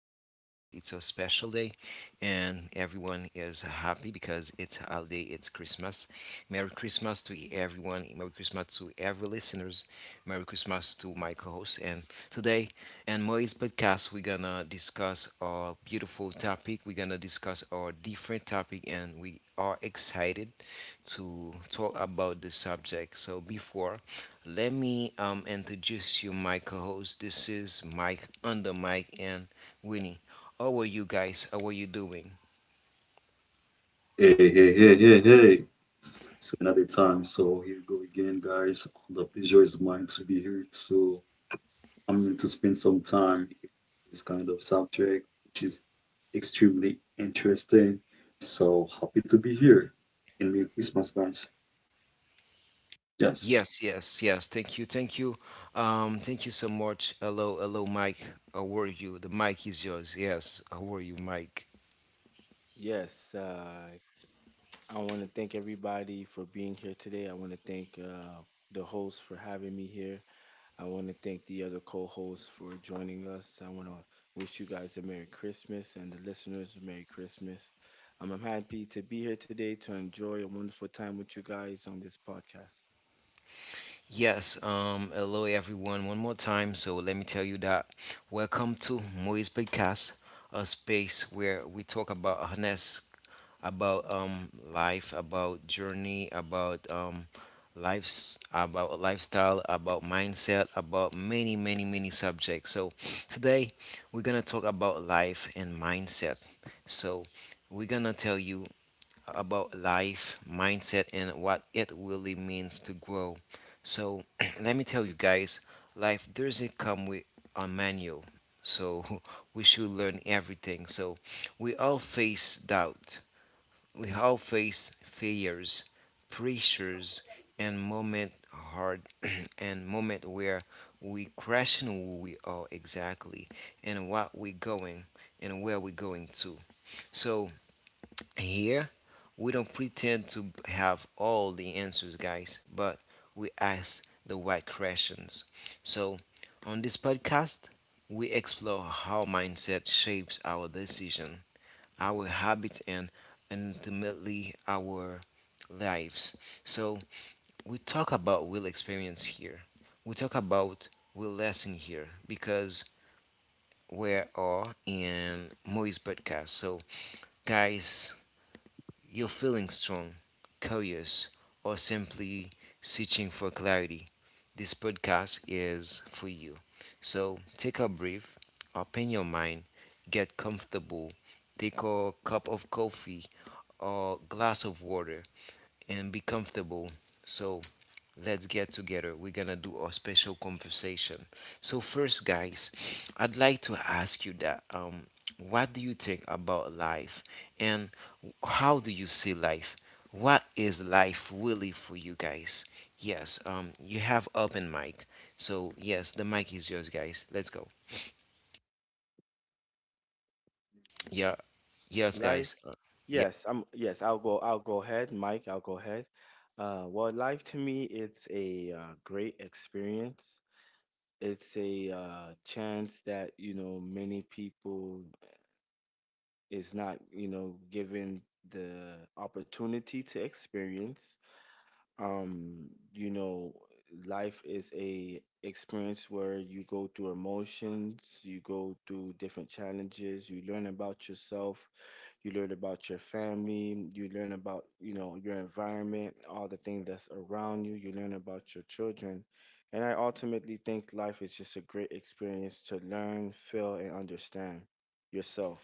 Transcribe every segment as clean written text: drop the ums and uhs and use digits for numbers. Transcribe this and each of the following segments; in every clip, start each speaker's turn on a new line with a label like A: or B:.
A: everyone is happy because it's holiday, it's Christmas. Merry Christmas to everyone. Merry Christmas to every listeners. Merry Christmas to my co-host and today and Maurice podcast, we're gonna discuss our beautiful topic. We're gonna discuss our different topic, and we are excited to talk about the subject. So before, let me introduce you my co-host. This is Mike under Mike and Winnie. How are you guys? How are you doing?
B: Hey, hey, hey, hey, hey. So another time. So here we go again, guys. The pleasure is mine to be here. So I'm going to spend some time in this kind of subject, which is extremely interesting. So happy to be here. And Merry Christmas, guys. Yes.
A: Yes, yes, yes. Thank you, thank you, thank you so much. Hello, hello, Mike. How are you? The mic is yours. Yes. How are you, Mike?
C: Yes, uh, I want to thank everybody for being here today. I want to thank the host for having me here. I want to thank the other co-hosts for joining us. I want to wish you guys a Merry Christmas and the listeners a Merry Christmas. I'm happy to be here today to enjoy a wonderful time with you guys on this podcast.
A: Yes, hello everyone, one more time. So let me tell you that welcome to Moise Podcast, a space where we talk about honest, about life, about journey, about lives, about lifestyle, about mindset, about many, many, many subjects. So today we're gonna talk about life and mindset. So we're gonna tell you about life, mindset, and what it really means to grow. So, let me tell you guys, life doesn't come with a manual. So, we should learn everything. So, we all face doubt, we all face failures, pressures, and moment hard and moment where we question who we are exactly and what we're going and where we're going to. So here, we don't pretend to have all the answers, guys, but we ask the right questions. So, on this podcast, we explore how mindset shapes our decision, our habits, and ultimately our lives. So, we talk about real experience here. We talk about real lesson here because we are in Moise podcast. So, guys, you're feeling strong, curious, or simply searching for clarity, this podcast is for you. So take a breath, open your mind, get comfortable, take a cup of coffee or glass of water, and be comfortable. So let's get together. We're gonna do a special conversation. So first, guys, I'd like to ask you that what do you think about life, and how do you see life? What is life really for you guys? Yes, you have open mic. So yes, the mic is yours, guys. Let's go. Yeah, yes,
C: Life,
A: guys. Yeah.
C: yes, I'm yes, I'll go ahead, Mike, I'll go ahead. Well, life to me, it's a great experience. It's a chance that, you know, many people is not, you know, given the opportunity to experience, um you know life is a experience where you go through emotions, you go through different challenges, you learn about yourself, you learn about your family, you learn about, you know, your environment, all the things that's around you, you learn about your children, and I ultimately think life is just a great experience to learn, feel, and understand yourself.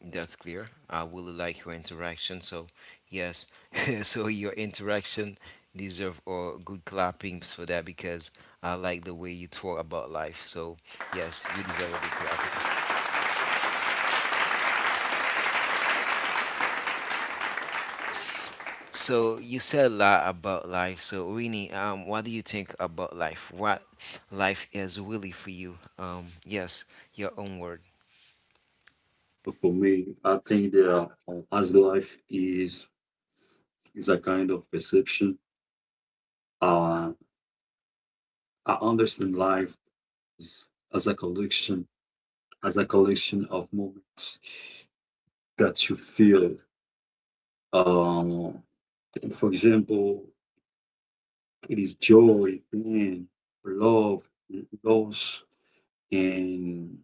A: That's clear. I really like your interaction. So, yes, so your interaction deserve a good clappings for that because I like the way you talk about life. So, yes, you deserve a good clapping. So you said a lot about life. So Rini, what do you think about life? What life is really for you? Yes, your own word.
B: But for me, I think that as life is a kind of perception. Uh, I understand life is, as a collection of moments that you feel. Um, for example, it is joy, pain, love, loss, and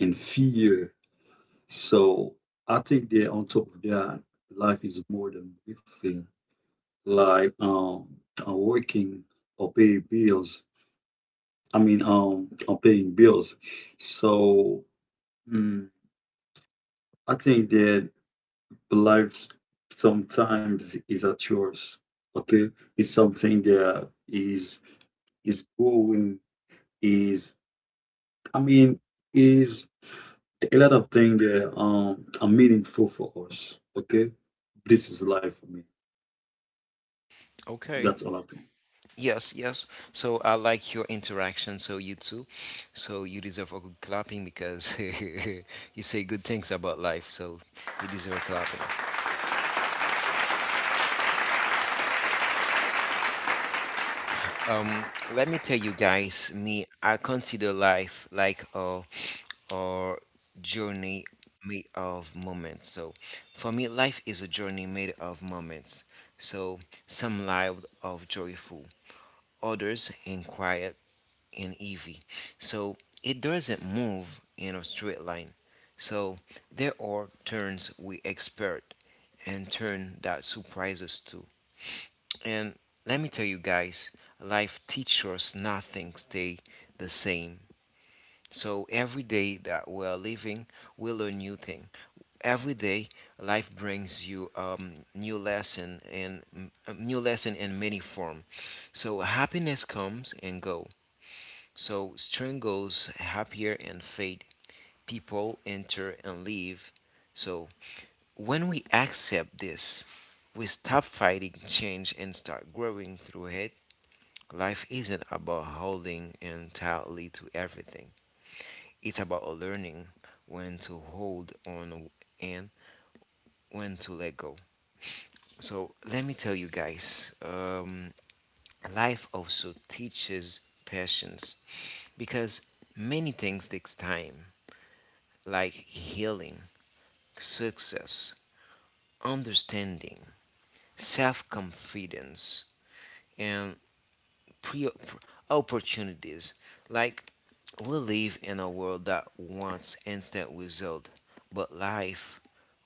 B: and fear. So I think that on top of that, life is more than breathing, like working or paying bills. I mean, or paying bills. So mm, I think that the life sometimes is a chores. Okay, it's something that is going is I mean is a lot of things that are meaningful for us. Okay, this is life for me.
A: Okay.
B: That's all I think.
A: Yes, yes. So I like your interaction. So you too. So you deserve a good clapping because you say good things about life. So you deserve a clapping. Let me tell you guys, me, I consider life like a journey made of moments. So for me, life is a journey made of moments. So some life of joyful, others in quiet and easy. So it doesn't move in a straight line. So there are turns we expert and turn that surprise us too. And let me tell you guys, life teaches us nothing stay the same. So every day that we are living, we learn new thing. Every day, life brings you new lesson and a new lesson in many form. So happiness comes and go so string goes happier and fade. People enter and leave. So when we accept this, we stop fighting change and start growing through it. Life isn't about holding and tightly to everything. It's about learning when to hold on and when to let go. So let me tell you guys, life also teaches patience because many things takes time like healing, success, understanding, self confidence, and pre- opportunities. Like we live in a world that wants instant result, but life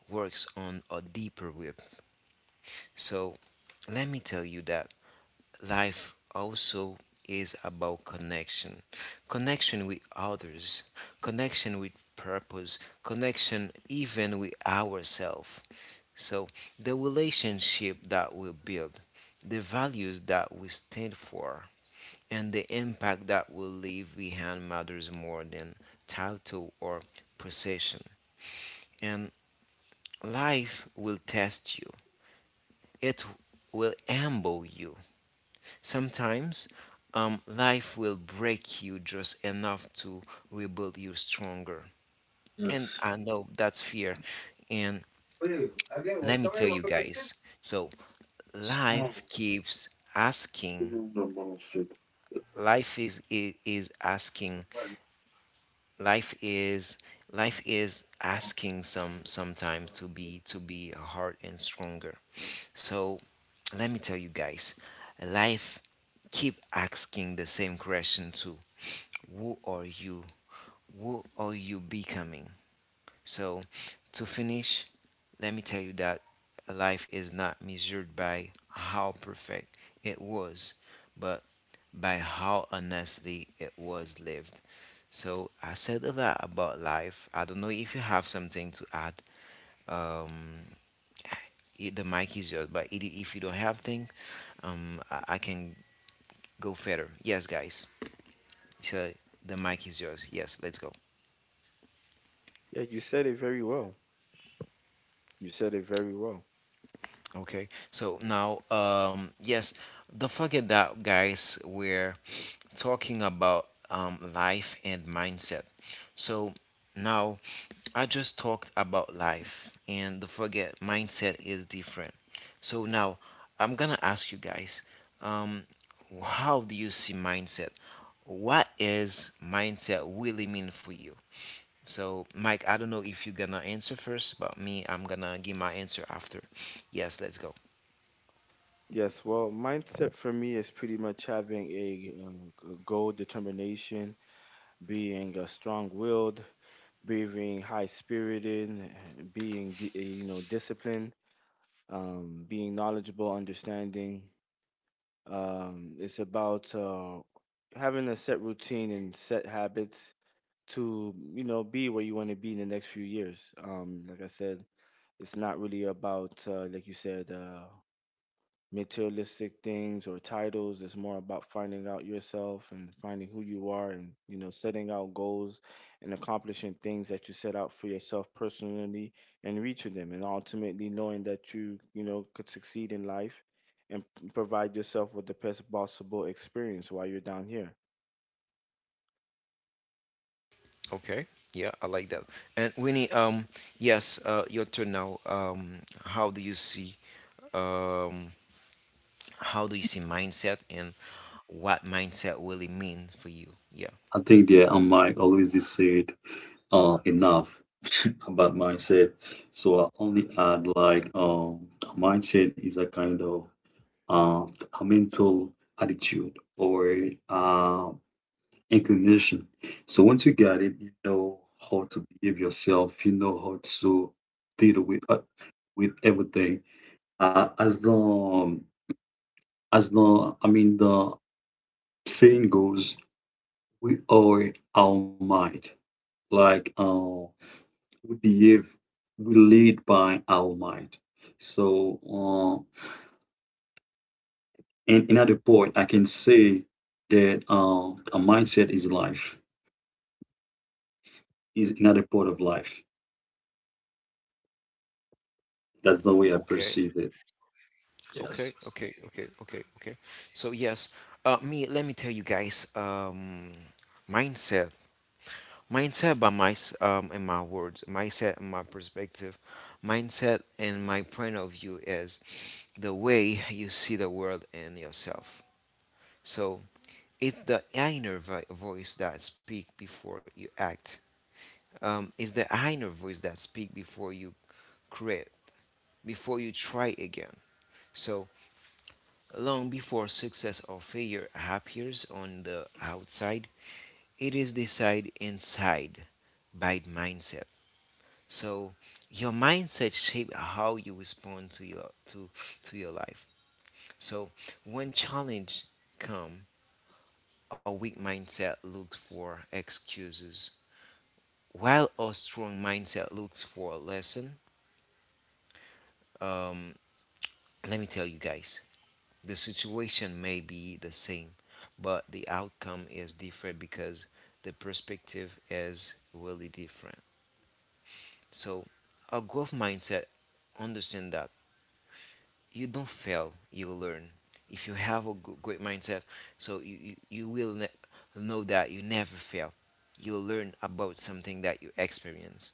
A: works on a deeper width. So let me tell you that life also is about connection. Connection with others, connection with purpose, connection even with ourselves. So, the relationship that we build, the values that we stand for, and the impact that we leave behind matters more than title or possession. And life will test you, it will humble you. Sometimes, life will break you just enough to rebuild you stronger. And
B: Yes.
A: I know that's fear. And
B: Oye, alguien,
A: let
B: otra
A: me
B: vez,
A: tell you
B: ¿por qué sí?
A: guys. So
B: Oh,
A: life keeps asking,
B: no, no, no, shit.
A: life is i- is asking life is life is asking sometimes to be hard and stronger. So let me tell you guys, life keep asking the same question too. Who are you? Who are you becoming? So, to finish, let me tell you that life is not measured by how perfect it was, but by how honestly it was lived. So, I said a lot about life. I don't know if you have something to add. Um, the mic is yours, but if you don't have things, I can go further. Yes, guys. So, the mic is yours. Yes, let's go.
C: Yeah you said it very well You said it very well.
A: Okay, so now, yes, don't forget that, guys, we're talking about life and mindset. So now, I just talked about life, and don't forget, mindset is different. So now, I'm gonna ask you guys, um, how do you see mindset? What is mindset really mean for you? So, Mike, I don't know if you're gonna answer first, but me, I'm gonna give my answer after. Yes, let's go.
C: Yes, well, mindset for me is pretty much having a, goal determination, being strong-willed, being high-spirited, you know, disciplined, being knowledgeable, understanding. It's about having a set routine and set habits to, you know, be where you want to be in the next few years. Like I said, it's not really about like you said. Materialistic things or titles. It's more about finding out yourself and finding who you are and, you know, setting out goals and accomplishing things that you set out for yourself personally and reaching them. And ultimately knowing that you know, could succeed in life and provide yourself with the best possible experience while you're down here.
A: Okay. Yeah, I like that. And Winnie, yes, your turn now. How do you see, um, how do you see mindset and what mindset really mean for you? Yeah.
B: I think that I might always decide enough about mindset. So I only add like a mindset is a kind of um a mental attitude or uh inclination. So once you got it, you know how to behave yourself, you know how to deal with everything. Uh, as the um, as the I mean the saying goes, we are our mind. Like we behave, we lead by our mind. So, and another point, I can say that a mindset is life, is another part of life. That's the way I
A: Okay.
B: perceive it. Yes.
A: Okay. Okay. Okay. Okay. Okay. So yes, me, let me tell you guys, mindset. Mindset by in my words, mindset in my perspective, mindset in my point of view is the way you see the world and yourself. So it's the voice that speak before you act. It's the inner voice that speak before you create, before you try again. So long before success or failure appears on the outside, it is decided inside by mindset. So your mindset shape how you respond to your life. So when challenge come, a weak mindset looks for excuses, while a strong mindset looks for a lesson. Um, let me tell you guys, the situation may be the same, but the outcome is different because the perspective is really different. So a growth mindset understand that you don't fail, you learn. If you have a great mindset, so you will know that you never fail. You'll learn about something that you experience.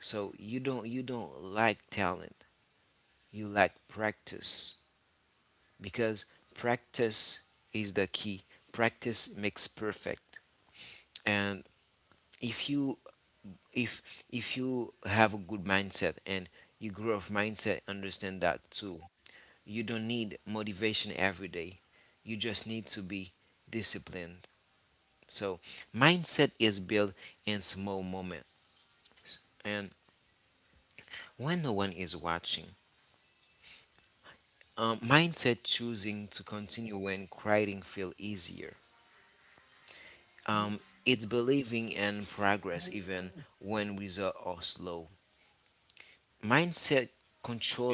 A: So you don't, like talent, you like practice, because practice is the key. Practice makes perfect. And if you if you have a good mindset, and you grow of mindset understand that too. You don't need motivation every day. You just need to be disciplined. So, mindset is built in small moments and when no one is watching. Mindset choosing to continue when quieting feel easier. It's believing in progress even when results are slow. Mindset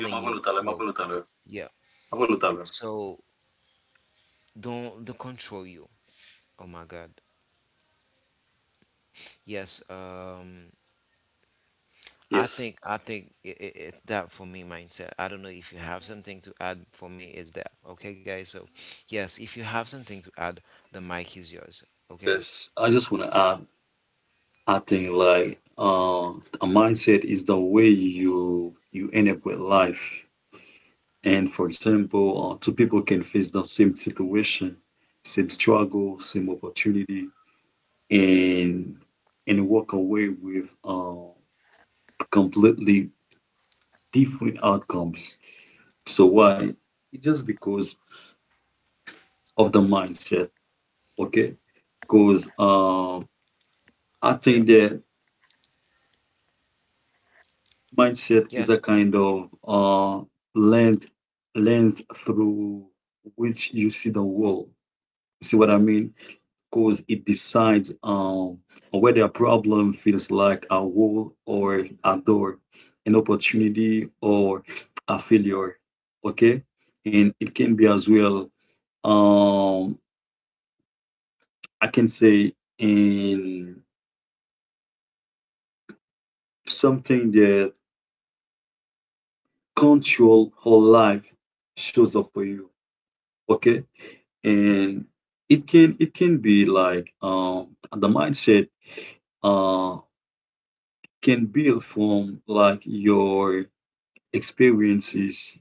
B: You ma
A: your
B: voulu tale, ma
A: growth.
B: voulu tale,
A: Yeah.
B: ma voulu tale.
A: So don't control you. Oh my God. Yes. I
B: Yes.
A: think I think it's that for me mindset. I don't know if you have something to add. For me, it's that. Okay, guys. So, yes, if you have something to add, the mic is yours. Okay.
B: Yes. I just want to add, I think like a mindset is the way you end up with life. And for example, two people can face the same situation, same struggle, same opportunity, and and walk away with completely different outcomes. So why? Just because of the mindset, okay? Because I
A: Yeah.
B: think that mindset is a
A: Yes.
B: kind of lens lens through which you see the world. See what I mean? Because it decides whether a problem feels like a wall or a door, an opportunity or a failure. Okay, and it can be as well. Um, I can say in something that control whole life shows up for you. Okay, and it can be like the mindset uh, can build from like your experiences.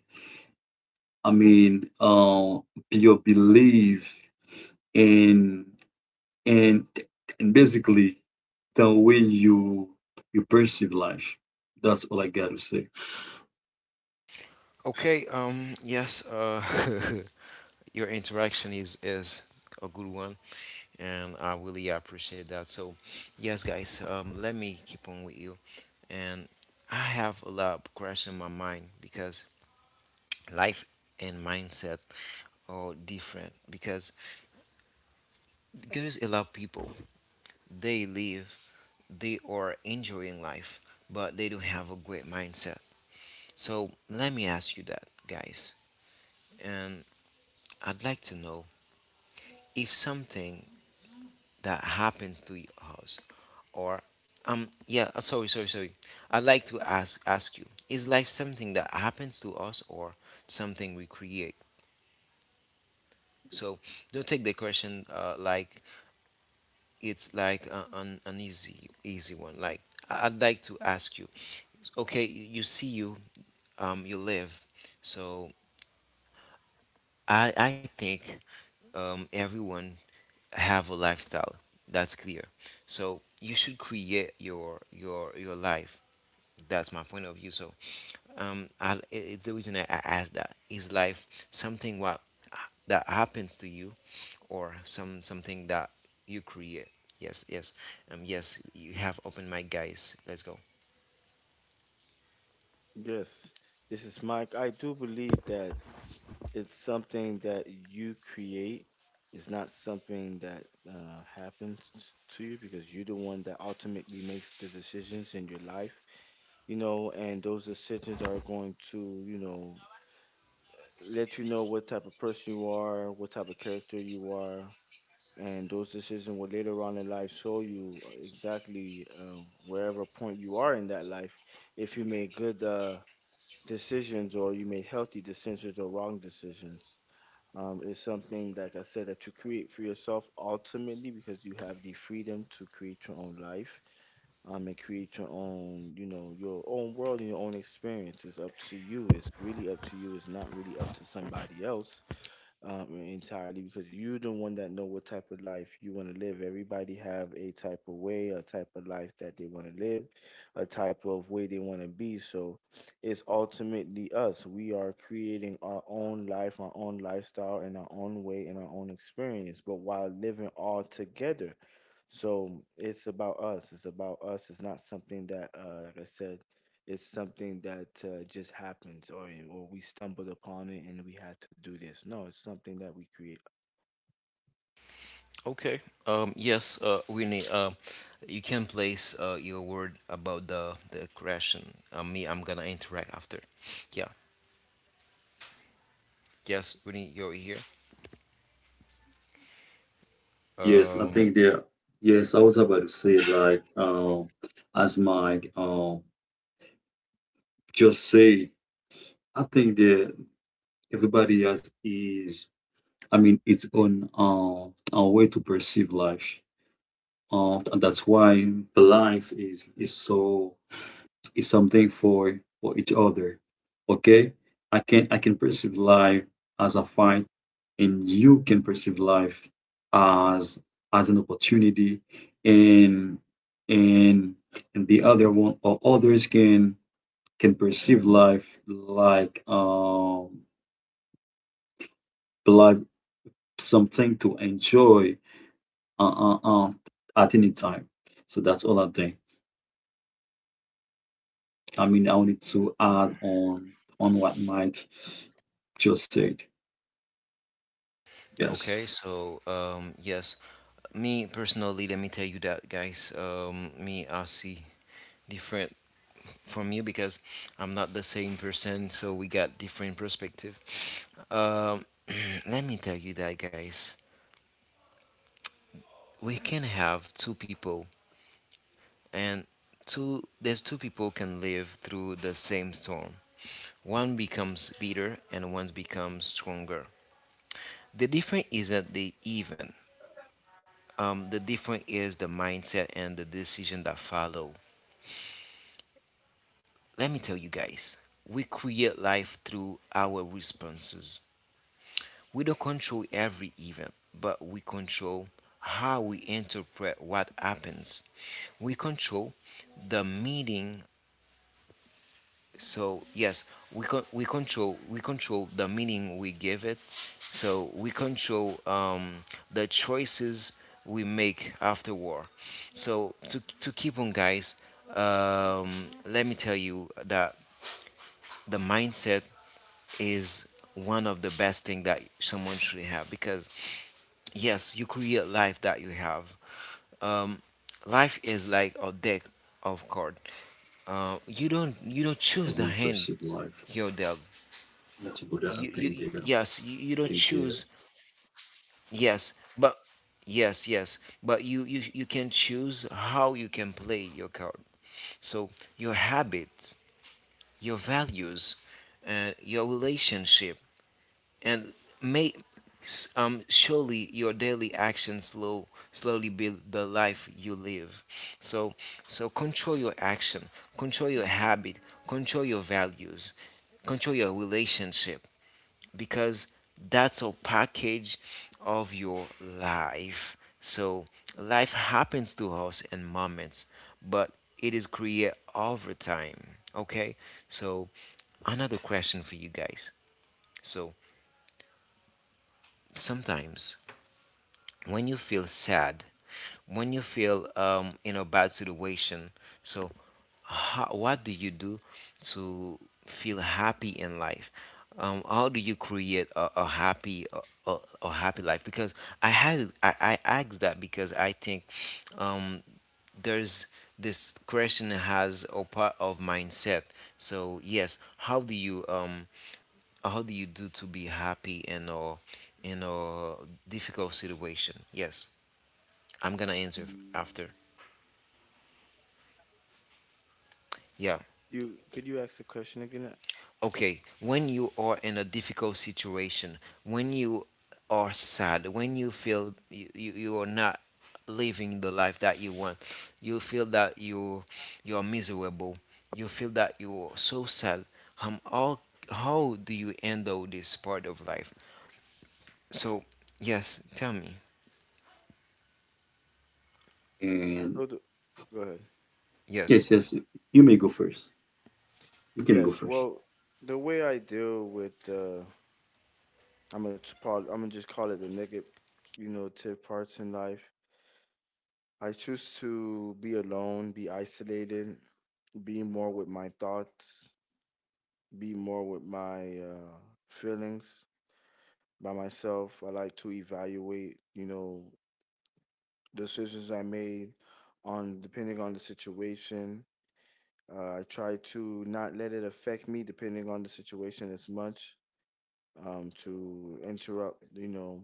B: I mean, your belief and and and basically the way you perceive life. That's all I gotta say.
A: Okay. Yes. Your interaction is a good one, and I really appreciate that. So, yes, guys. Let me keep on with you, and I have a lot of question in my mind because life and mindset are different because. Because a lot people, they live, they are enjoying life, but they don't have a great mindset. So let me ask you that, guys. And I'd like to know if something that happens to your house, or yeah, sorry, sorry, sorry. I'd like to ask you: is life something that happens to us, or something we create? So don't take the question like it's like an easy one. Like I'd like to ask you, okay, you see you, you live. So I think, everyone have a lifestyle that's clear. So you should create your life. That's my point of view. So, it's the reason I asked that. Is life something what uh, that happens to you, or something that you create? Yes, yes, yes. You have opened mic, guys. Let's go.
C: Yes, this is Mike. I do believe that it's something that you create. It's not something that happens to you, because you're the one that ultimately makes the decisions in your life, you know, and those decisions are going to, you know, let you know what type of person you are, what type of character you are, and those decisions will later on in life show you exactly wherever point you are in that life if you made good decisions, or you made healthy decisions, or wrong decisions. Um, is something, like I said, that you create for yourself ultimately, because you have the freedom to create your own life, and create your own, you know, your own world and your own experience. It's up to you. It's really up to you. It's not really up to somebody else entirely, because you're the one that know what type of life you want to live. Everybody have a type of way, a type of life that they want to live, a type of way they want to be. So it's ultimately us. We are creating our own life, our own lifestyle, and our own way and our own experience, but while living all together. So it's about us. It's about us. It's not something that, like I said, it's something that just happens, or we stumbled upon it and we had to do this. No, it's something that we create.
A: Okay. Yes, Winnie, you can place your word about the question. Me, I'm gonna interact after. Yeah. Yes, Winnie, you're here.
B: Yes, I
A: Um,
B: think there. Yes, I was about to say like as Mike just said. I think that everybody has its own way to perceive life. And that's why life is so it's something for each other. Okay? I can perceive life as a fight and you can perceive life as as an opportunity and and and the other one or others can perceive life like something to enjoy uh, uh, uh, at any time. So that's all I think. I mean, I wanted to add on what Mike just said. Yes,
A: Okay, so um, yes, me personally, let me tell you that, guys. Me, I see different from you because I'm not the same person, so we got different perspective. Um, let me tell you that, guys. We can have two people, and two there's two people can live through the same storm. One becomes bitter, and one becomes stronger. The difference isn't the event. The difference is the mindset and the decision that follow. Let me tell you guys, we create life through our responses. We don't control every event, but we control how we interpret what happens. We control the meaning. So yes, we control, we control the meaning we give it. So we control the choices we make after war. So to keep on, guys, um, let me tell you that the mindset is one of the best thing that someone should have because yes, you create life that you have. Um, Life is like a deck of card. You don't
B: in the
A: choose the
B: universe
A: hand
B: of life.
A: you're dealt.
B: That's what I think there. I
A: You don't
B: think there.
A: choose, yes, but yes but you can choose how you can play your card. So your habits, your values, your relationship, and may surely your daily actions slowly build the life you live. So control your action, control your habit, control your values, control your relationship, because that's a package of your life. So life happens to us in moments, but it is created over time. Okay? So another question for you guys. So sometimes when you feel sad, when you feel in a bad situation, so how, what do you do to feel happy in life? How do you create a, a, a happy life? Because I asked that because I think um, there's this question has a part of mindset. So yes, how do you do to be happy in a difficult situation? Yes, I'm gonna answer after. Yeah.
C: You could you ask the question again?
A: Okay. When you are in a difficult situation, when you are sad, when you feel you are not living the life that you want, you feel that you are miserable, you feel that you are so sad. How do you handle this part of life? So yes, tell me.
B: And
C: Oh, the, go ahead.
B: yes,
A: Yes.
B: yes, you may go first. You can go
C: Yes.
B: first.
C: Well, the way I deal with, I'm gonna part, I'm gonna just call it the negative, you know, tip parts in life. I choose to be alone, be isolated, be more with my thoughts, be more with my feelings by myself. I like to evaluate, you know, decisions I made on, depending on the situation. I try to not let it affect me depending on the situation as much, to interrupt, you know,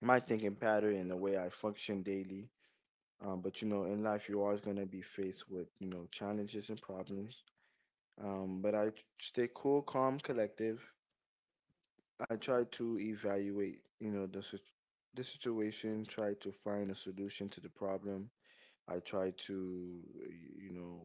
C: my thinking pattern and the way I function daily. But you know, in life, you're always going to be faced with, you know, challenges and problems. Um, but I stay cool, calm, collective. I try to evaluate, you know, the situation, try to find a solution to the problem. I try to, you know,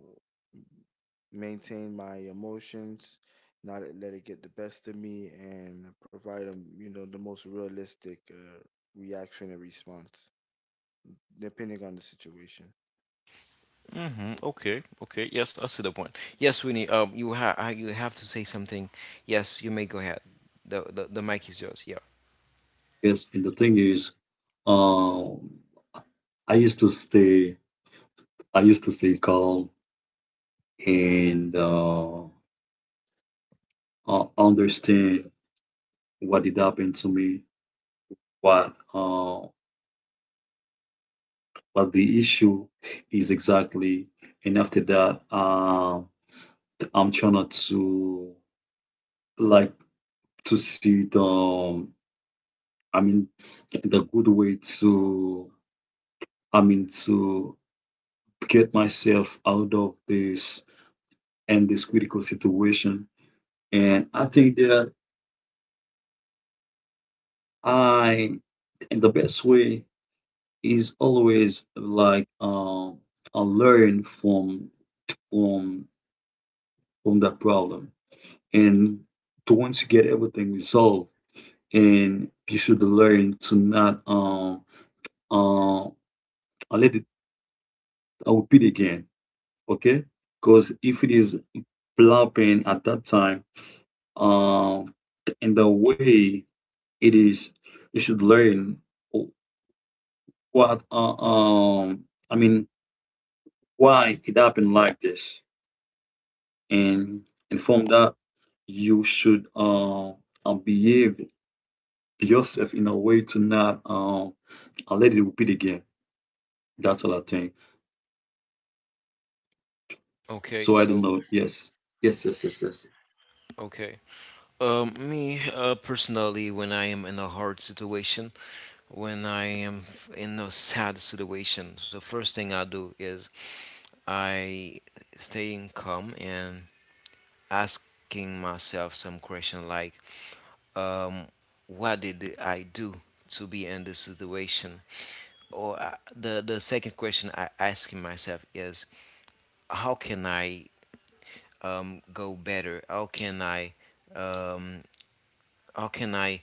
C: maintain my emotions, not let it get the best of me, and provide them, you know, the most realistic reaction and response, depending on the situation.
A: Mm-hmm. Okay. Okay. Yes, I see the point. Yes, Winnie. You have to say something. Yes, you may go ahead. The mic is yours. Yeah.
B: Yes, and the thing is, um, I used to stay, I used to stay calm and understand what did happen to me, what uh, what the issue is exactly, and after that, I'm trying not to like to see I mean, the good way to, I mean, to get myself out of this and this critical situation. And I think that I, and the best way is always like learn from from that problem. And to once you get everything resolved, and you should learn to not uh, uh, let it. I'll repeat again, okay? Because if it is flopping at that time. Um, in the way it is, you should learn what I mean why it happened like this, and and from that you should behave yourself in a way to not let it repeat again. That's all I think.
A: Okay,
B: So I don't
A: so
B: know. Yes, yes, yes, yes, yes.
A: okay. Me Personally, when I am in a hard situation, when I am in a sad situation, the first thing I do is I staying calm and asking myself some question like, um, what did I do to be in this situation? Or the second question I asking myself is, how can I go better? How can I? um how can I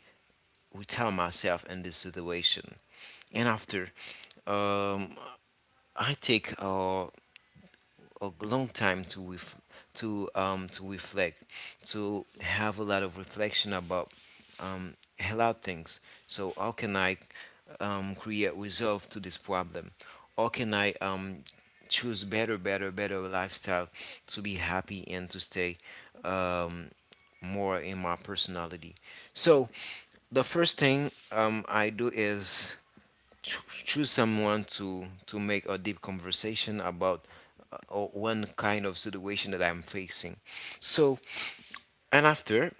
A: tell myself in this situation? And after, um, I take a long time to reflect, to have a lot of reflection about um a lot of things. So how can I create resolve to this problem? How can I choose better lifestyle to be happy and to stay um more in my personality? So the first thing I do is choose someone to make a deep conversation about or one kind of situation that I'm facing. So, and after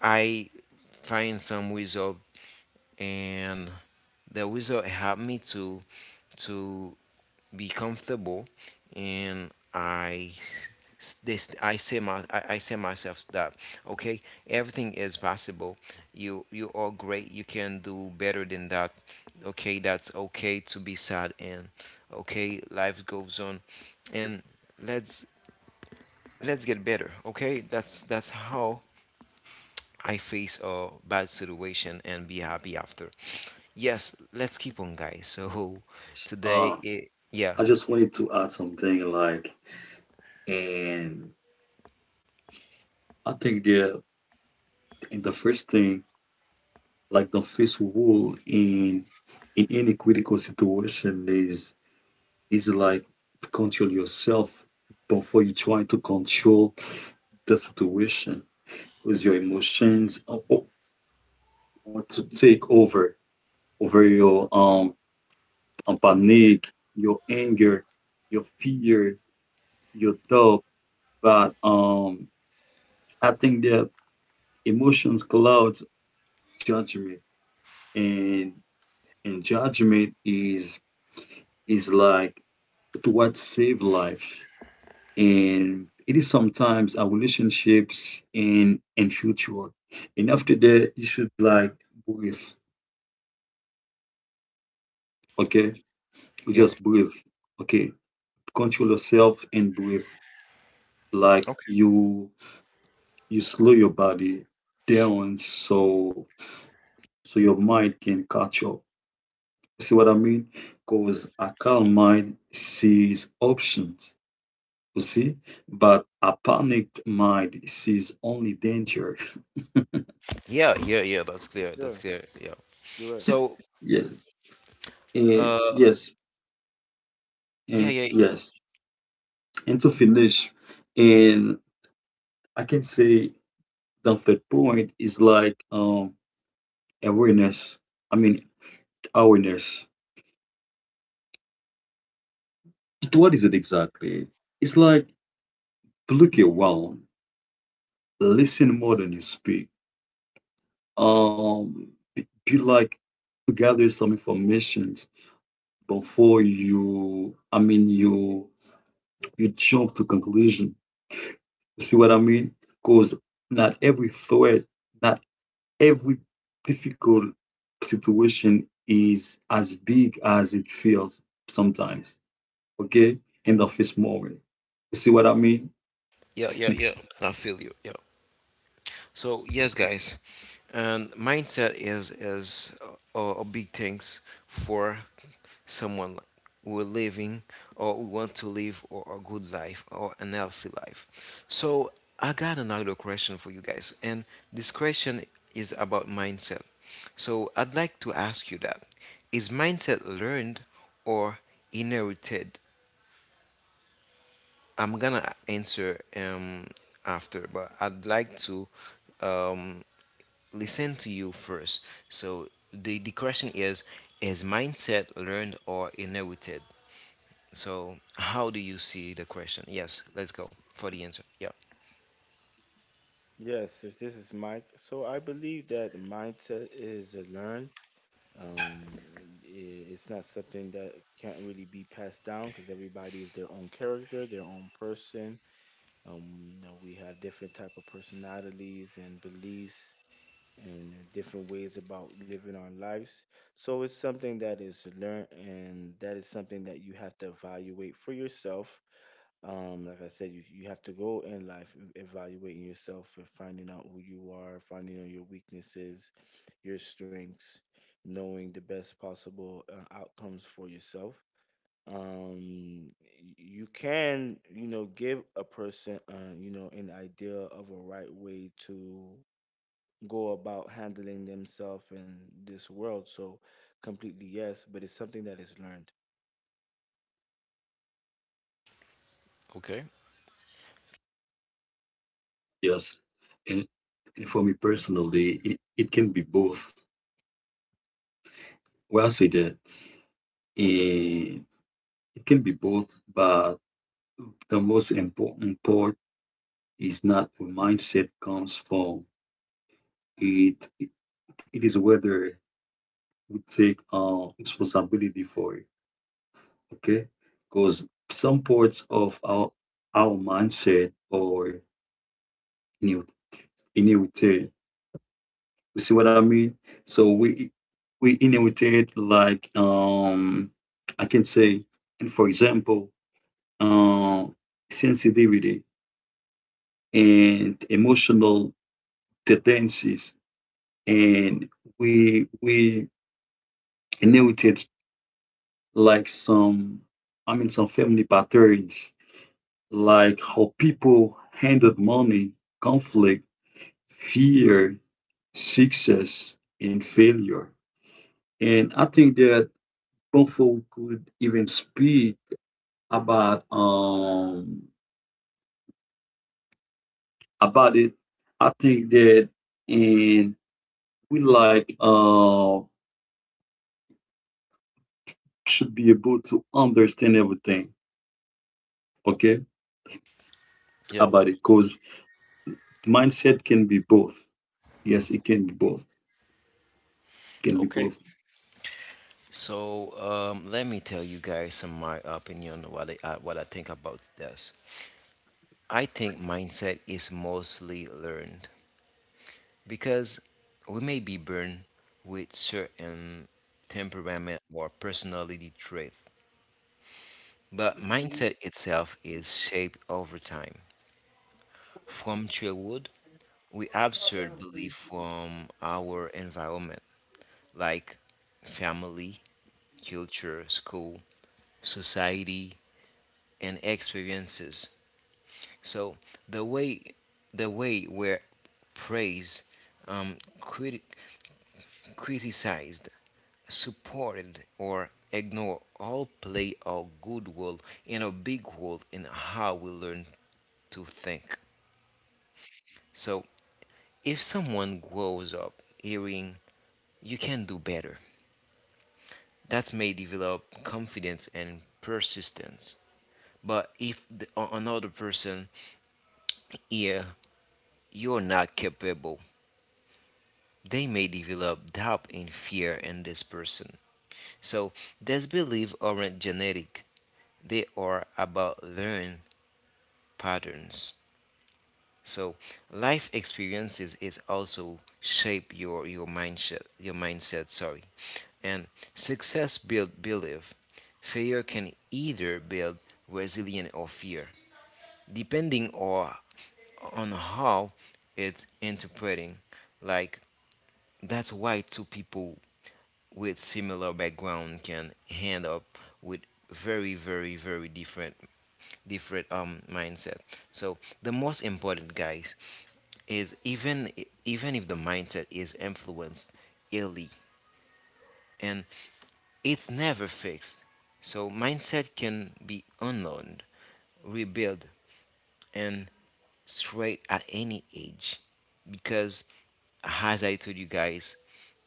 A: I find some wizard, and the wizard helped me to to be comfortable, and I this I say my I say myself that okay, everything is possible, you are great, you can do better than that. Okay, that's okay to be sad, and okay, life goes on, and let's get better. Okay, that's how I face a bad situation and be happy after. Yes, let's keep on guys so
B: S-
A: today
B: Uh,
A: it yeah
B: I just wanted to add something like, and I think the and the first thing, like the first rule in any critical situation is like to control yourself before you try to control the situation because your emotions want to take over over your panic, your anger, your fear, your doubt. But I think that emotions clouds judgment and and judgment is like towards save life and it is sometimes our relationships and future and after that you should like breathe okay you
A: yeah
B: just breathe okay control yourself and breathe like
A: okay.
B: you slow your body down so so your mind can catch up, see what I mean? Because a calm mind sees options. You see? But a panicked mind sees only danger.
A: Yeah, yeah, yeah, that's clear. That's
C: Sure,
A: clear. Yeah.
C: you're right.
A: So,
B: Yes. And
A: uh,
B: yes.
A: yeah,
B: And
A: yeah,
B: yes. And to finish, and I can say the third point is like awareness. I mean awareness. It- What is it exactly? It's like look around, listen more than you speak. Be like to gather some information before you I mean you you jump to conclusion. You see what I mean? Because not every threat, not every difficult situation is as big as it feels sometimes. Okay? In the first moment. You see what I mean?
A: yeah. I feel you. Yeah. So yes, guys, and mindset is a big things for someone who are living or who want to live or a good life or an healthy life. So I got another question for you guys, and this question is about mindset. So I'd like to ask you that: Is mindset learned or inherited? I'm gonna answer after, but I'd like to um listen to you first. So the question is mindset learned or inherited? So how do you see the question? Yes, let's go for the answer. Yeah.
C: Yes, this is Mike. So I believe that mindset is a learn. Um, it's not something that can't really be passed down, because everybody is their own character, their own person. Now we have different type of personalities and beliefs and different ways about living our lives. So it's something that is learned, and that is something that you have to evaluate for yourself. Like I said, you have to go in life evaluating yourself and finding out who you are, finding out your weaknesses, your strengths, knowing the best possible outcomes for yourself. Um, you can, you know, give a person you know, an idea of a right way to go about handling themselves in this world. So, completely, yes, but it's something that is learned.
A: Okay.
B: Yes. And, and for me personally, it can be both. Well, I say that eh, it can be both, but the most important part is not where mindset comes from. It, it, it is whether we take responsibility for it. Okay, because some parts of our mindset are inherit- inherited. You see what I mean? So we inherited like I can
C: Finish?
B: say, and for example, um sensitivity and emotional tendencies, and we inherited like some, I mean, some family patterns like how people handled money, conflict, fear, success, and failure. And I think that Bonfo could even speak about um about it. I think that and we like should be able to understand everything, okay,
A: Yeah.
B: about it. Cause mindset can be both. Yes, it can be both, can be
A: Okay.
B: both.
A: So let me tell you guys some my opinion what I think about this. I think mindset is mostly learned because we may be born with certain temperament or personality trait, but mindset itself is shaped over time. From childhood, we absorb belief from our environment, like family, culture, school, society, and experiences. So the way the way we're praised, um, criti- criticized, supported, or ignored all play a good role in a big role in how we learn to think. So if someone grows up hearing you can do better, that may develop confidence and persistence. But if another person hear you're not capable, they may develop doubt and fear in this person. So these beliefs aren't genetic; they are about learned patterns. So life experiences is also shape your mindset sorry. And success build belief. Failure can either build resilience or fear, depending or on how it's interpreting. Like that's why two people with similar background can end up with very, very, very different mindset. So the most important guys is even if the mindset is influenced early, and it's never fixed, so mindset can be unlearned, rebuilt, and straight at any age. Because, as I told you guys,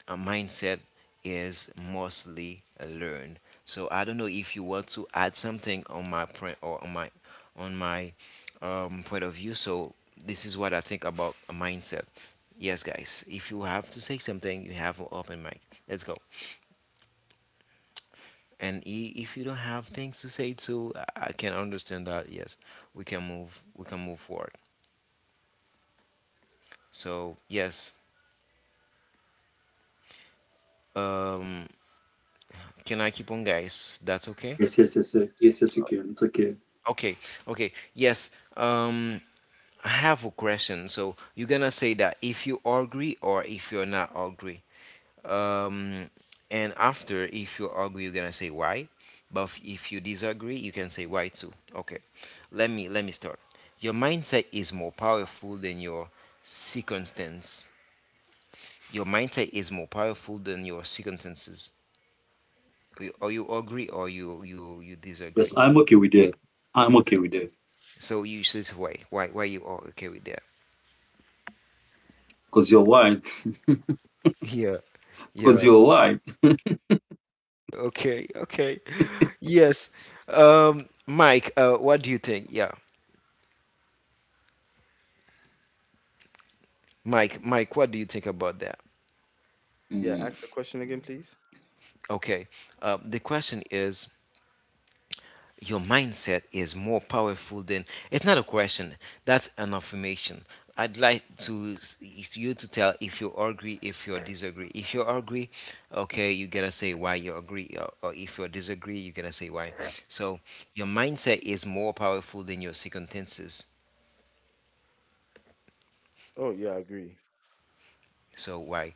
A: a mindset is mostly learned. So I don't know if you want to add something on my point or on my on my point of view. So this is what I think about a mindset. Yes, guys. If you have to say something, you have an open mic. Let's go. And if you don't have things to say too, I can understand that. Yes, we can move. We can move forward. So yes. Um, can I keep on, guys? That's okay.
B: Yes, yes, yes, yes, yes, yes, you can. It's okay.
A: Okay. Okay. Yes. Um, I have a question. So you're gonna say that if you agree or if you're not agree. Um, and after, if you agree, you're gonna say why. But if you disagree, you can say why too. Okay, let me start. Your mindset is more powerful than your circumstance. Your mindset is more powerful than your circumstances. Or you agree, or you
B: Yes,
A: disagree.
B: I'm okay with that. I'm okay with that.
A: So you should say why you are okay with that.
B: Cause you're white.
A: Yeah,
B: Cause
A: yeah.
B: you're white.
A: Okay, okay. Yes. Mike, what do you think? Yeah. Mike, what do you think about that?
C: Yeah,
B: Mm.
C: ask the question again, please.
A: Okay, the question is your mindset is more powerful than, it's not a question, that's an affirmation. I'd like to you to tell if you agree, if you disagree. If you agree, okay, you're gonna say why you agree, or if you disagree, you're gonna say why. So your mindset is more powerful than your circumstances.
C: Oh yeah, I agree.
A: So why?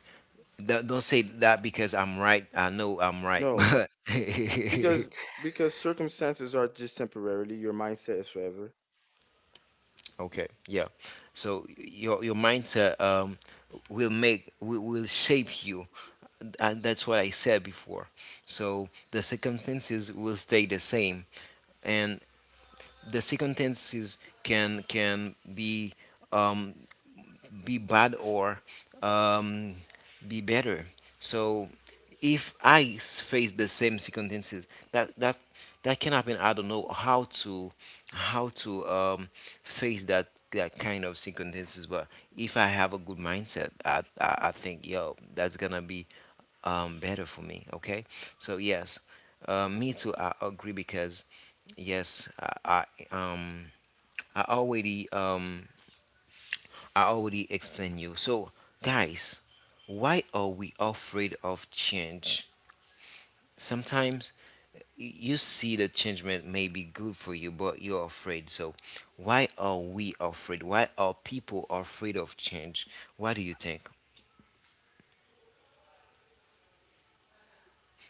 A: Don't say that because I'm right. I know I'm right.
C: No, because circumstances are just temporarily, your mindset is forever.
A: Okay, yeah. So your mindset will make will shape you, and that's what I said before. So the circumstances will stay the same, and the circumstances can um, be bad or um, be better. So if I face the same circumstances, that can happen. I don't know how to how to um, face that kind of circumstances. But if I have a good mindset, I think yo that's gonna be better for me. Okay, so yes. Me too. I agree because yes, I I already um I already explained you. So, guys, why are we afraid of change? Sometimes you see the changement may be good for you, but you're afraid. So, why are we afraid? Why are people afraid of change? Why do you think?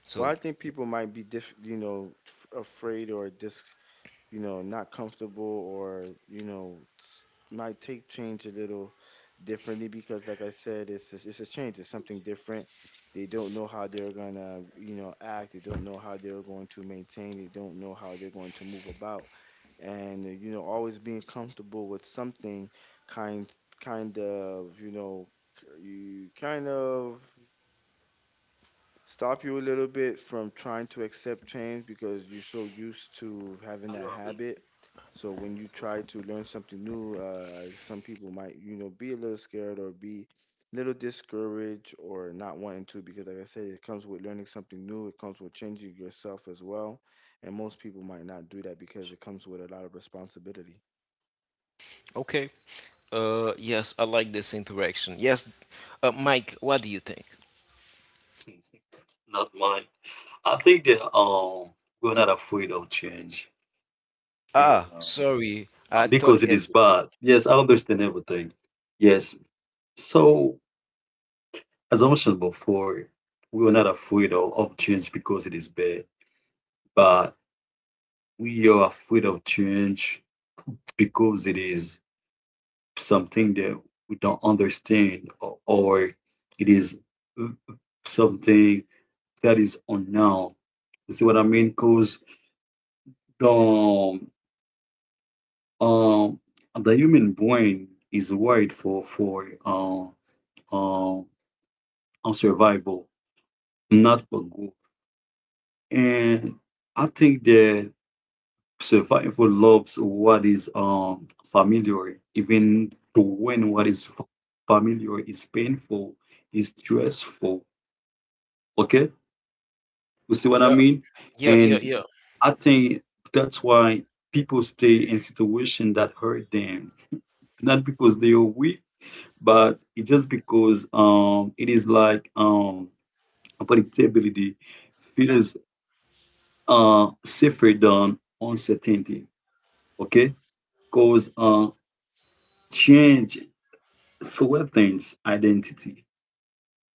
A: So,
C: Well, I think people might be diff you know, afraid or dis you know, not comfortable, or, you know, might take change a little differently, because, like I said, it's a change, it's something different. They don't know how they're going to, you know, act. They don't know how they're going to maintain. They don't know how they're going to move about. And, you know, always being comfortable with something kind, kind of, you know, you kind of stop you a little bit from trying to accept change, because you're so used to having that
B: Adorable.
C: habit. So when you try to learn something new, some people might, you know, be a little scared, or be a little discouraged, or not wanting to, because, like I said, it comes with learning something new. It comes with changing yourself as well, and most people might not do that, because it comes with a lot of responsibility.
A: okay. Yes, I like this interaction. Yes, Mike, what do you think?
B: Not mine. I think that we're not afraid of change. And
A: Ah,
B: uh, um,
A: sorry. I
B: and
A: thought
B: because it
A: it's
B: is bad. Yes, I understand everything. Yes. So as I mentioned before, we are not afraid of change because it is bad. But we are afraid of change because it is something that we don't understand, or it is something that is unknown. You see what I mean? Because the um the human brain is wired for uh, on survival, not for growth. And I think that survival loves what is familiar, even when what is familiar is painful, is stressful. Okay, you see what I
A: yeah,
B: mean?
A: yeah, yeah,
B: And
A: yeah,
B: I think that's why people stay in situations that hurt them. Not because they are weak, but it just because it is like predictability feels safer than uncertainty. Okay? Cause change threatens identity.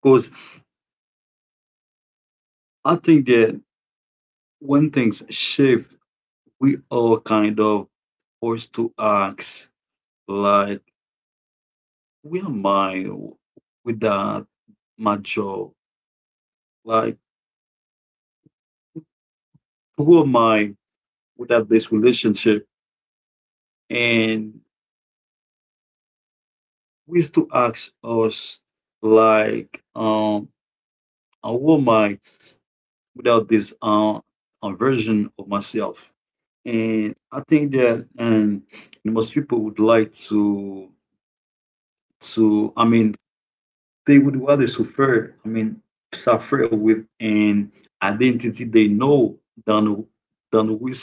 B: Cause I think that when things shift, we all kind of forced to ask like who am I without my job? Like, who am I without this relationship? And we used to ask us, like, who am I without this version of myself? And I think that, and most people would like to, I mean, they would rather suffer, I mean, suffer with an identity they know than than with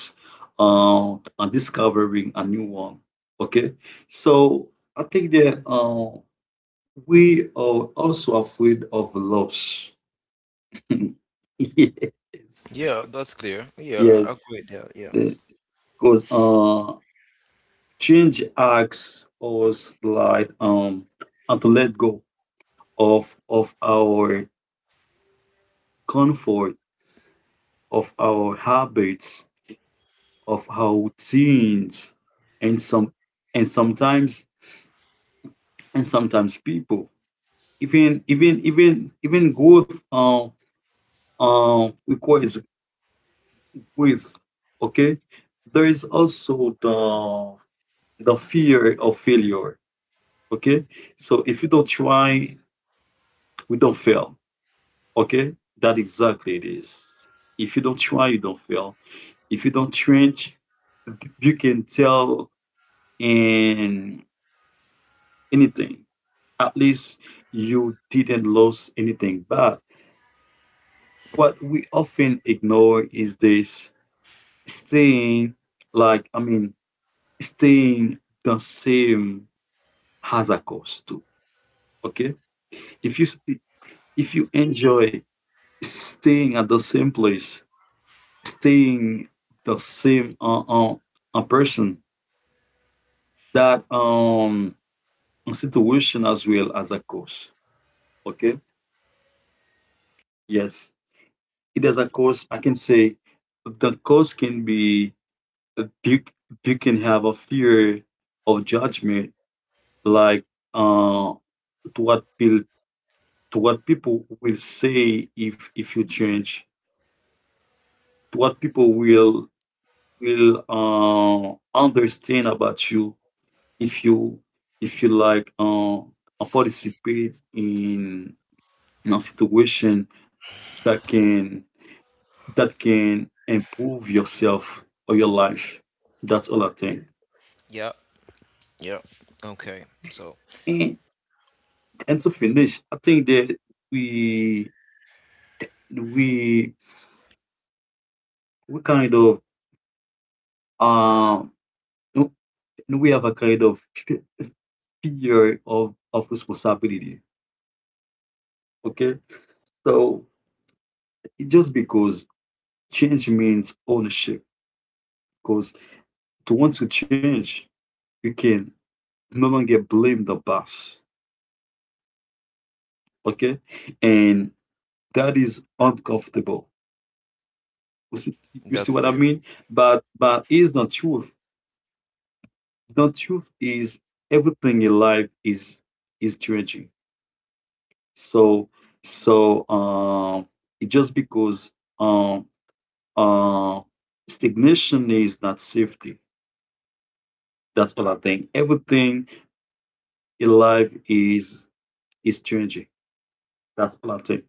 B: discovering a new one. Okay, so I think that we are also afraid of loss. Yes,
A: yeah. That's clear. Yeah, I
B: yes,
A: agree. Yeah,
B: because change acts us like and to let go of our comfort, of our habits, of our routines, and some and sometimes and sometimes people. Even even even even growth requires growth. Okay, there is also the fear of failure. Okay, so if you don't try, we don't fail. Okay, that exactly it is. If you don't try, you don't fail. If you don't trench, you can tell and anything. At least you didn't lose anything. But what we often ignore is this staying, like, I mean, staying the same has a cost too. Okay. If you, if you enjoy staying at the same place, staying the same a person, that situation as well as a cost. Okay. Yes. It has a cause, I can say. The cause can be uh, you, you can have a fear of judgment, like uh to what people, to what people will say if you change, to what people will understand about you if you, if you like participate in a situation that can, that can improve yourself or your life. That's all I think.
A: yeah. Yeah. Okay. So
B: And and to finish, I think that we we we kind of um no, no, we have a kind of fear of responsibility. Okay, so just because change means ownership, because to want to change, you can no longer blame the boss. Okay, and that is uncomfortable. You see, you see
A: that's
B: what I
A: clear.
B: mean? But is the truth. The truth is everything in life is changing. So so it just because um uh stagnation is not safety. That's all I think. Everything in life is changing. That's all I think.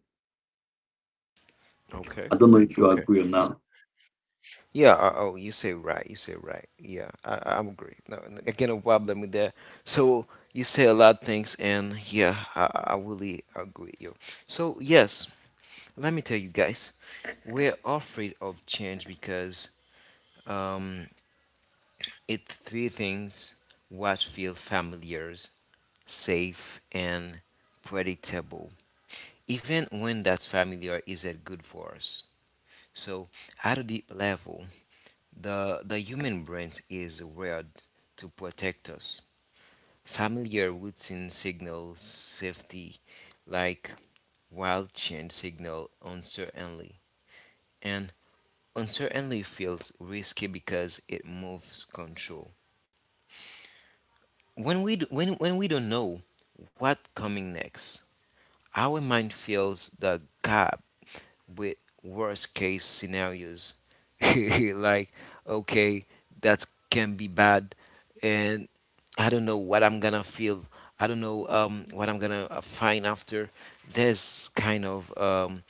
A: Okay.
B: I don't know if you
A: Okay.
B: agree or
A: S-
B: not.
A: Yeah. Oh, you say right. You say right. Yeah. I'm agree. No, again, no problem with that. So you say a lot of things, and yeah, I really agree with you. So yes, let me tell you guys, we're afraid of change because um, it three things: what feel familiar, safe, and predictable. Even when that's familiar isn't good for us. So at a deep level, the human brain is wired to protect us. Familiar routine signals safety, like wild change signal uncertainty, and uncertainty feels risky because it moves control. When we don't know what coming next, our mind fills the gap with worst case scenarios like okay that can be bad and I don't know what I'm gonna feel. I don't know what I'm gonna find after this kind of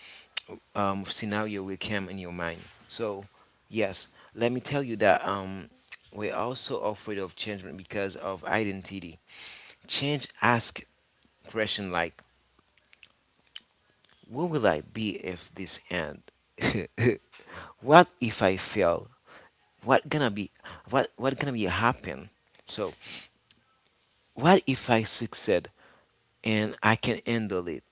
A: scenario will come in your mind. So yes, let me tell you that we're also afraid of change because of identity. Change ask question like what will I be if this end. What if I fail? What gonna be, what gonna be happen? So what if I succeed and I can handle it?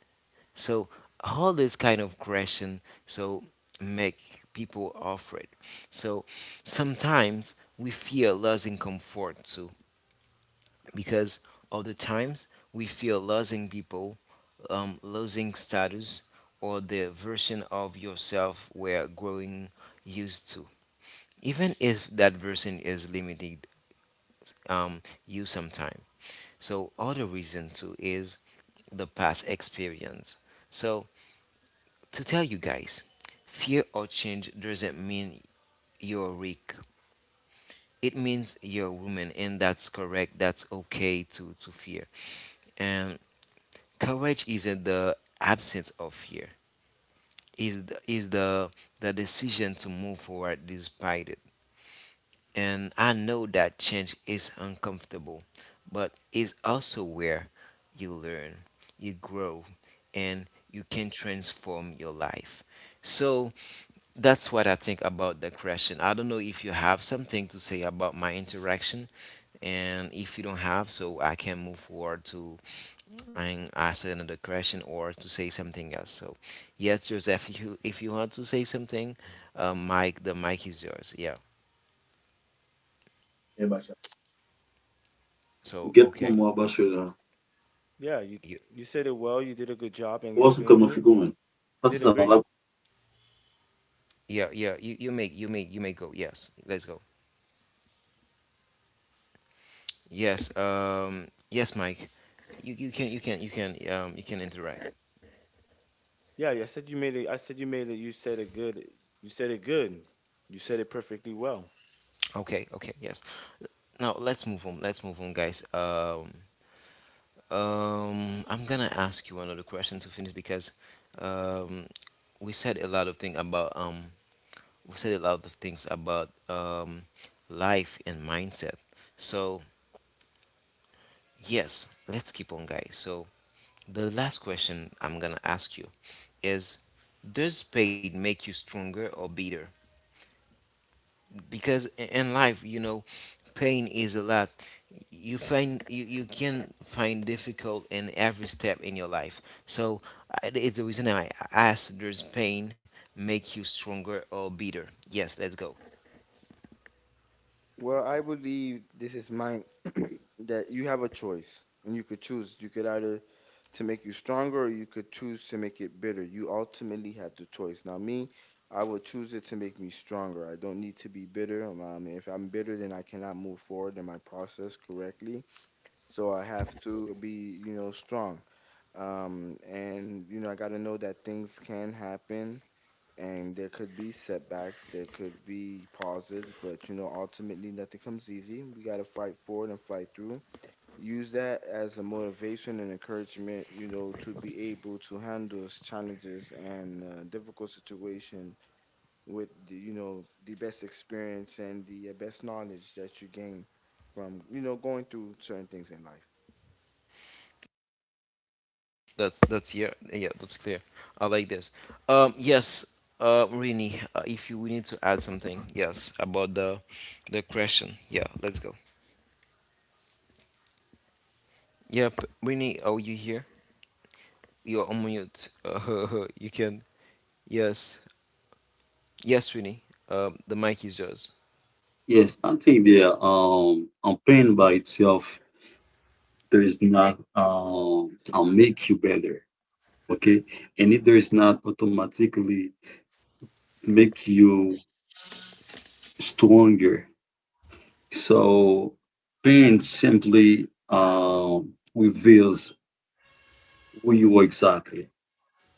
A: So all this kind of question, so make people afraid. So sometimes we feel losing comfort too, because other times we feel losing people, losing status or the version of yourself we're growing used to. Even if that version is limited, um, you sometime. So other reason too is the past experience. So to tell you guys, fear or change doesn't mean you're weak. It means you're a woman, and that's correct. That's okay to fear. And courage isn't the absence of fear. Is the the decision to move forward despite it. And I know that change is uncomfortable, but it's also where you learn, you grow, and you can transform your life. So that's what I think about the question. I don't know if you have something to say about my interaction, and if you don't have, so I can move forward to and ask another question or to say something else. So, yes, Joseph, if you want to say something, Mike, the mic is yours. Yeah.
B: Yeah, Basha.
A: So
B: Get one
A: okay.
B: more about
C: Yeah, you
A: You.
C: you said it well. You did a good job in
B: what's
C: explaining
B: coming for
C: it.
B: going?
C: You did
B: That's
C: it great.
B: all.
A: Yeah, yeah. You, you make go. Yes, let's go. Yes. Yes, Mike. You, you can you can interact.
C: Yeah, I said you made it. I said you made it. You said it good. You said it good. You said it perfectly well.
A: Okay. Okay. Yes. Now let's move on. Let's move on, guys. I'm gonna ask you another question to finish because, um, we said a lot of things about um we said a lot of things about life and mindset. So yes, let's keep on, guys. So the last question I'm gonna ask you is, does pain make you stronger or bitter? Because in life, you know, pain is a lot. You find you can find difficult in every step in your life. So it's the reason I asked, does pain make you stronger or bitter? Yes, let's go.
C: Well, I believe this is mine that you have a choice and you could choose. You could either to make you stronger, or you could choose to make it bitter. You ultimately had the choice. Now, me, I would choose it to make me stronger. I don't need to be bitter. I mean, if I'm bitter, then I cannot move forward in my process correctly. So I have to be, you know, strong. And, you know, I got to know that things can happen, and there could be setbacks, there could be pauses, but you know, ultimately nothing comes easy. We got to fight forward and fight through. Use that as a motivation and encouragement, you know, to be able to handle those challenges and difficult situation with the, you know, the best experience and the best knowledge that you gain from, you know, going through certain things in life.
A: That's yeah, yeah, that's clear. I like this. Um, yes, Rini, if you need to add something, yes, about the question. Yeah, let's go. Yep, Rini, are you here? You're on mute. You can. Yes, yes, Rini. The mic is yours.
B: Yes, I think the pain by itself, there is not I make you better, okay? And it does not automatically make you stronger. So pain simply reveals who you are exactly.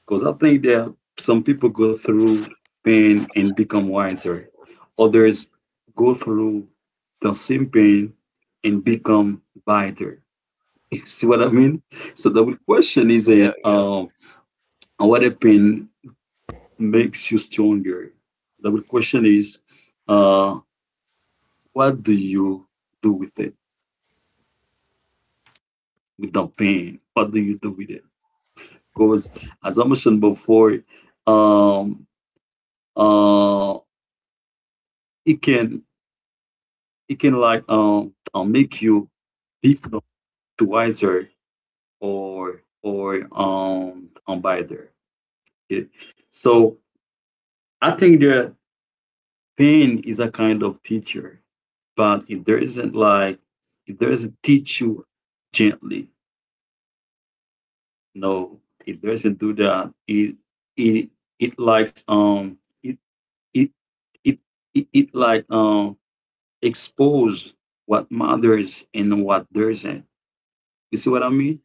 B: Because I think that some people go through pain and become wiser. Others go through the same pain and become bitter. See what I mean? So the question is
A: Yeah,
B: that
A: yeah.
B: what happened makes you stronger. The question is, uh, what do you do with it, with the pain? What do you do with it? Because as I mentioned before, um, uh, it can, it can like make you become wiser or better. Okay? So I think that pain is a kind of teacher. But if there isn't like, if there isn't teach you gently, no, it doesn't do that. It it likes it it it it like expose what matters and what doesn't. You see what I mean?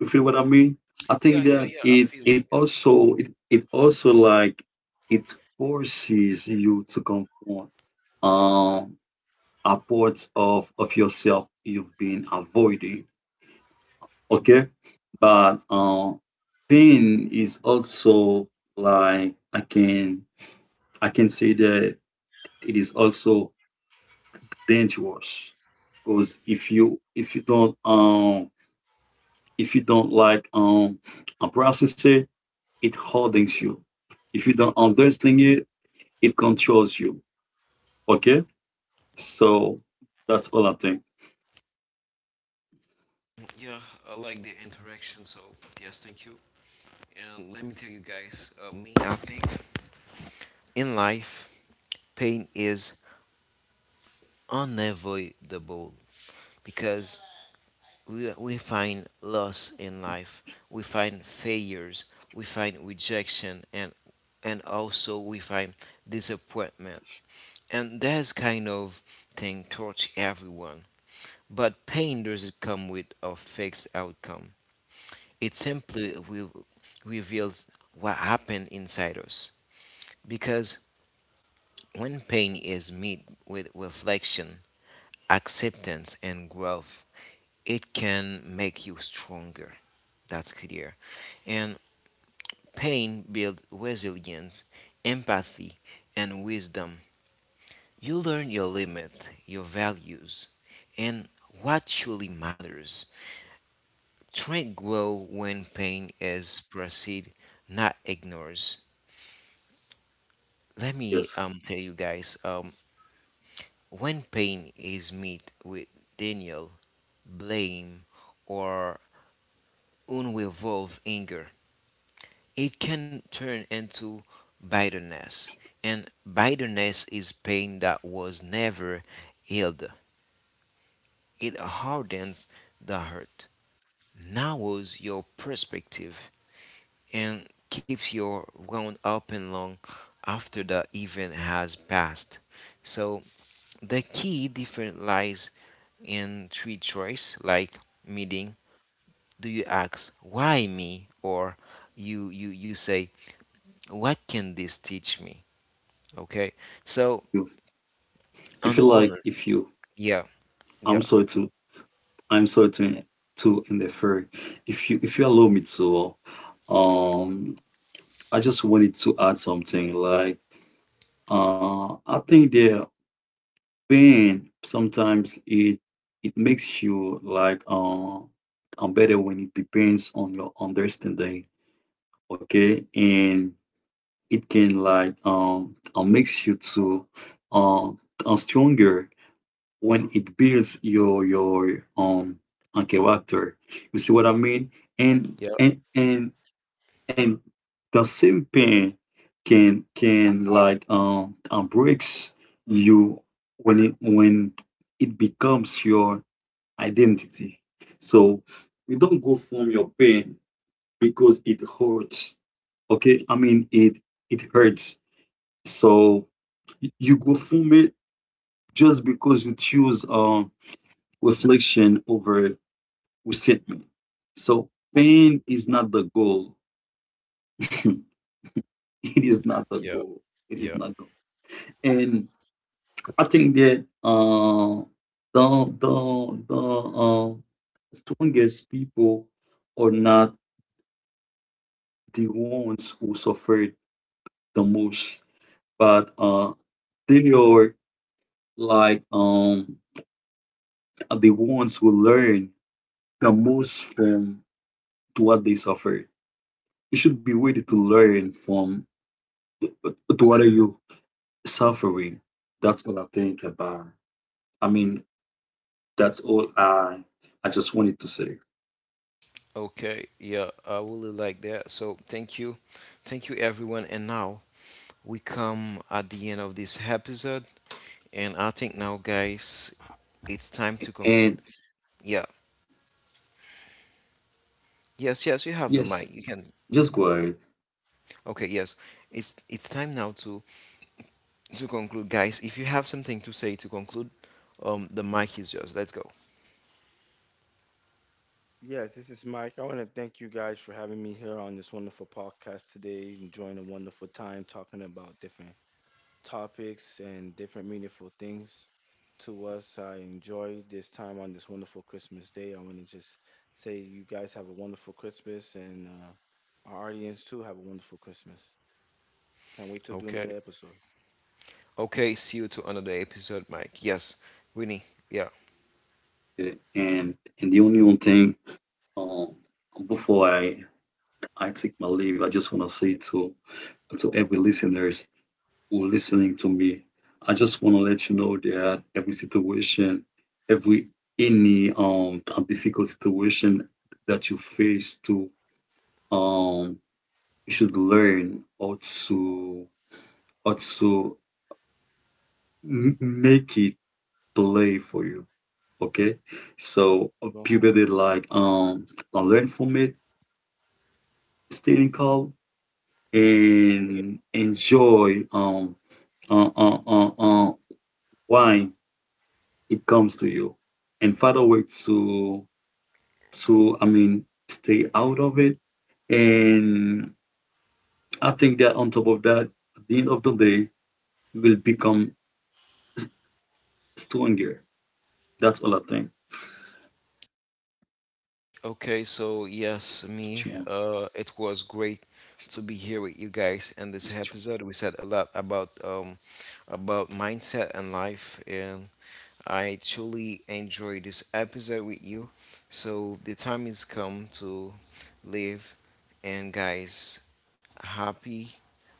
B: You feel what I mean? I
A: Yeah,
B: think
A: yeah,
B: that
A: yeah. I
B: it
A: feel you.
B: it
A: Yeah,
B: also it also like it forces you to confront um a part of yourself you've been avoiding. Okay. But pain is also like, I can say that it is also dangerous, because if you, if you don't like process it, it hardens you. If you don't understand it, it controls you. Okay. So that's all I think.
A: yeah. I like the interaction. So yes, thank you. And let me tell you guys, me, I think in life, pain is unavoidable, because we find loss in life, we find failures, we find rejection, and also we find disappointment. And that's kind of thing touch everyone. But pain doesn't come with a fixed outcome. It simply reveals what happened inside us. Because when pain is met with reflection, acceptance, and growth, it can make you stronger. That's clear. And pain builds resilience, empathy, and wisdom. You learn your limit, your values, and what truly matters. Strength grows when pain is perceived, not ignores. Let me
B: Yes.
A: tell you guys, when pain is met with denial, blame, or unresolved anger, it can turn into bitterness. And bitterness is pain that was never healed. It hardens the hurt, narrows your perspective, and keeps your wound open long after the event has passed. So the key difference lies in three choices: like meeting. Do you ask why me, or you say what can this teach me? Okay. So
B: You- If
A: an
B: you like,
A: owner.
B: if you,
A: Yeah.
B: I'm
A: Yeah.
B: sorry to, I'm sorry to interfere. If you allow me to, um, I just wanted to add something. Like, I think the pain sometimes, it makes you like better when it depends on your understanding. Okay, and it can like makes you to um stronger when it builds your and character. You see what I mean? And
A: Yeah.
B: and and and the same pain can like breaks you when it, when it becomes your identity. So you don't go from your pain because it hurts. Okay, I mean it hurts. So you go from it just because you choose reflection over reset me. So pain is not the goal. it is not the
A: Yeah.
B: goal. It is
A: Yeah.
B: not goal. And I think that the strongest people are not the ones who suffered the most, but they are like the ones who learn the most from to what they suffered. You should be ready to learn from to what you suffering. That's all I think about. I mean, that's all I just wanted to say.
A: Okay. Yeah. I really like that. So thank you. Thank you everyone. And now we come at the end of this episode. And I think now, guys, it's time to conclude.
B: And
A: Yeah. Yes, yes, you have the
B: yes,
A: mic. You can.
B: just go ahead.
A: Okay, yes. It's time now to conclude, guys. If you have something to say to conclude, um, the mic is yours. Let's go.
C: Yeah, this is Mike. I want to thank you guys for having me here on this wonderful podcast today, enjoying a wonderful time talking about different topics and different meaningful things to us. I enjoy this time on this wonderful Christmas day. I want to just say you guys have a wonderful Christmas, and our audience too have a wonderful Christmas. Can't wait to do
A: Okay.
C: another episode.
A: Okay, see you to another episode, Mike. Yes, Winnie. Yeah.
B: Yeah, and the only one thing, um, before I take my leave, I just want to say to every listeners who are listening to me, I just want to let you know that every situation, every any difficult situation that you face, to um you should learn how to also make it play for you, okay? So
C: You go
B: people
C: home.
B: that like learn from it, staying calm and enjoy uh, uh, uh, uh, why it comes to you and find a way to I mean stay out of it. And I think that on top of that, at the end of the day, you will become stronger. That's all I think.
A: Okay, so yes, me.
B: Strong.
A: It was great to be here with you guys in this episode. We said a lot about mindset and life, and I truly enjoyed this episode with you. So the time is come to live, and guys, happy,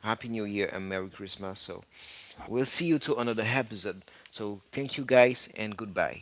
A: happy New Year and Merry Christmas. So we'll see you to another episode. So thank you guys and goodbye.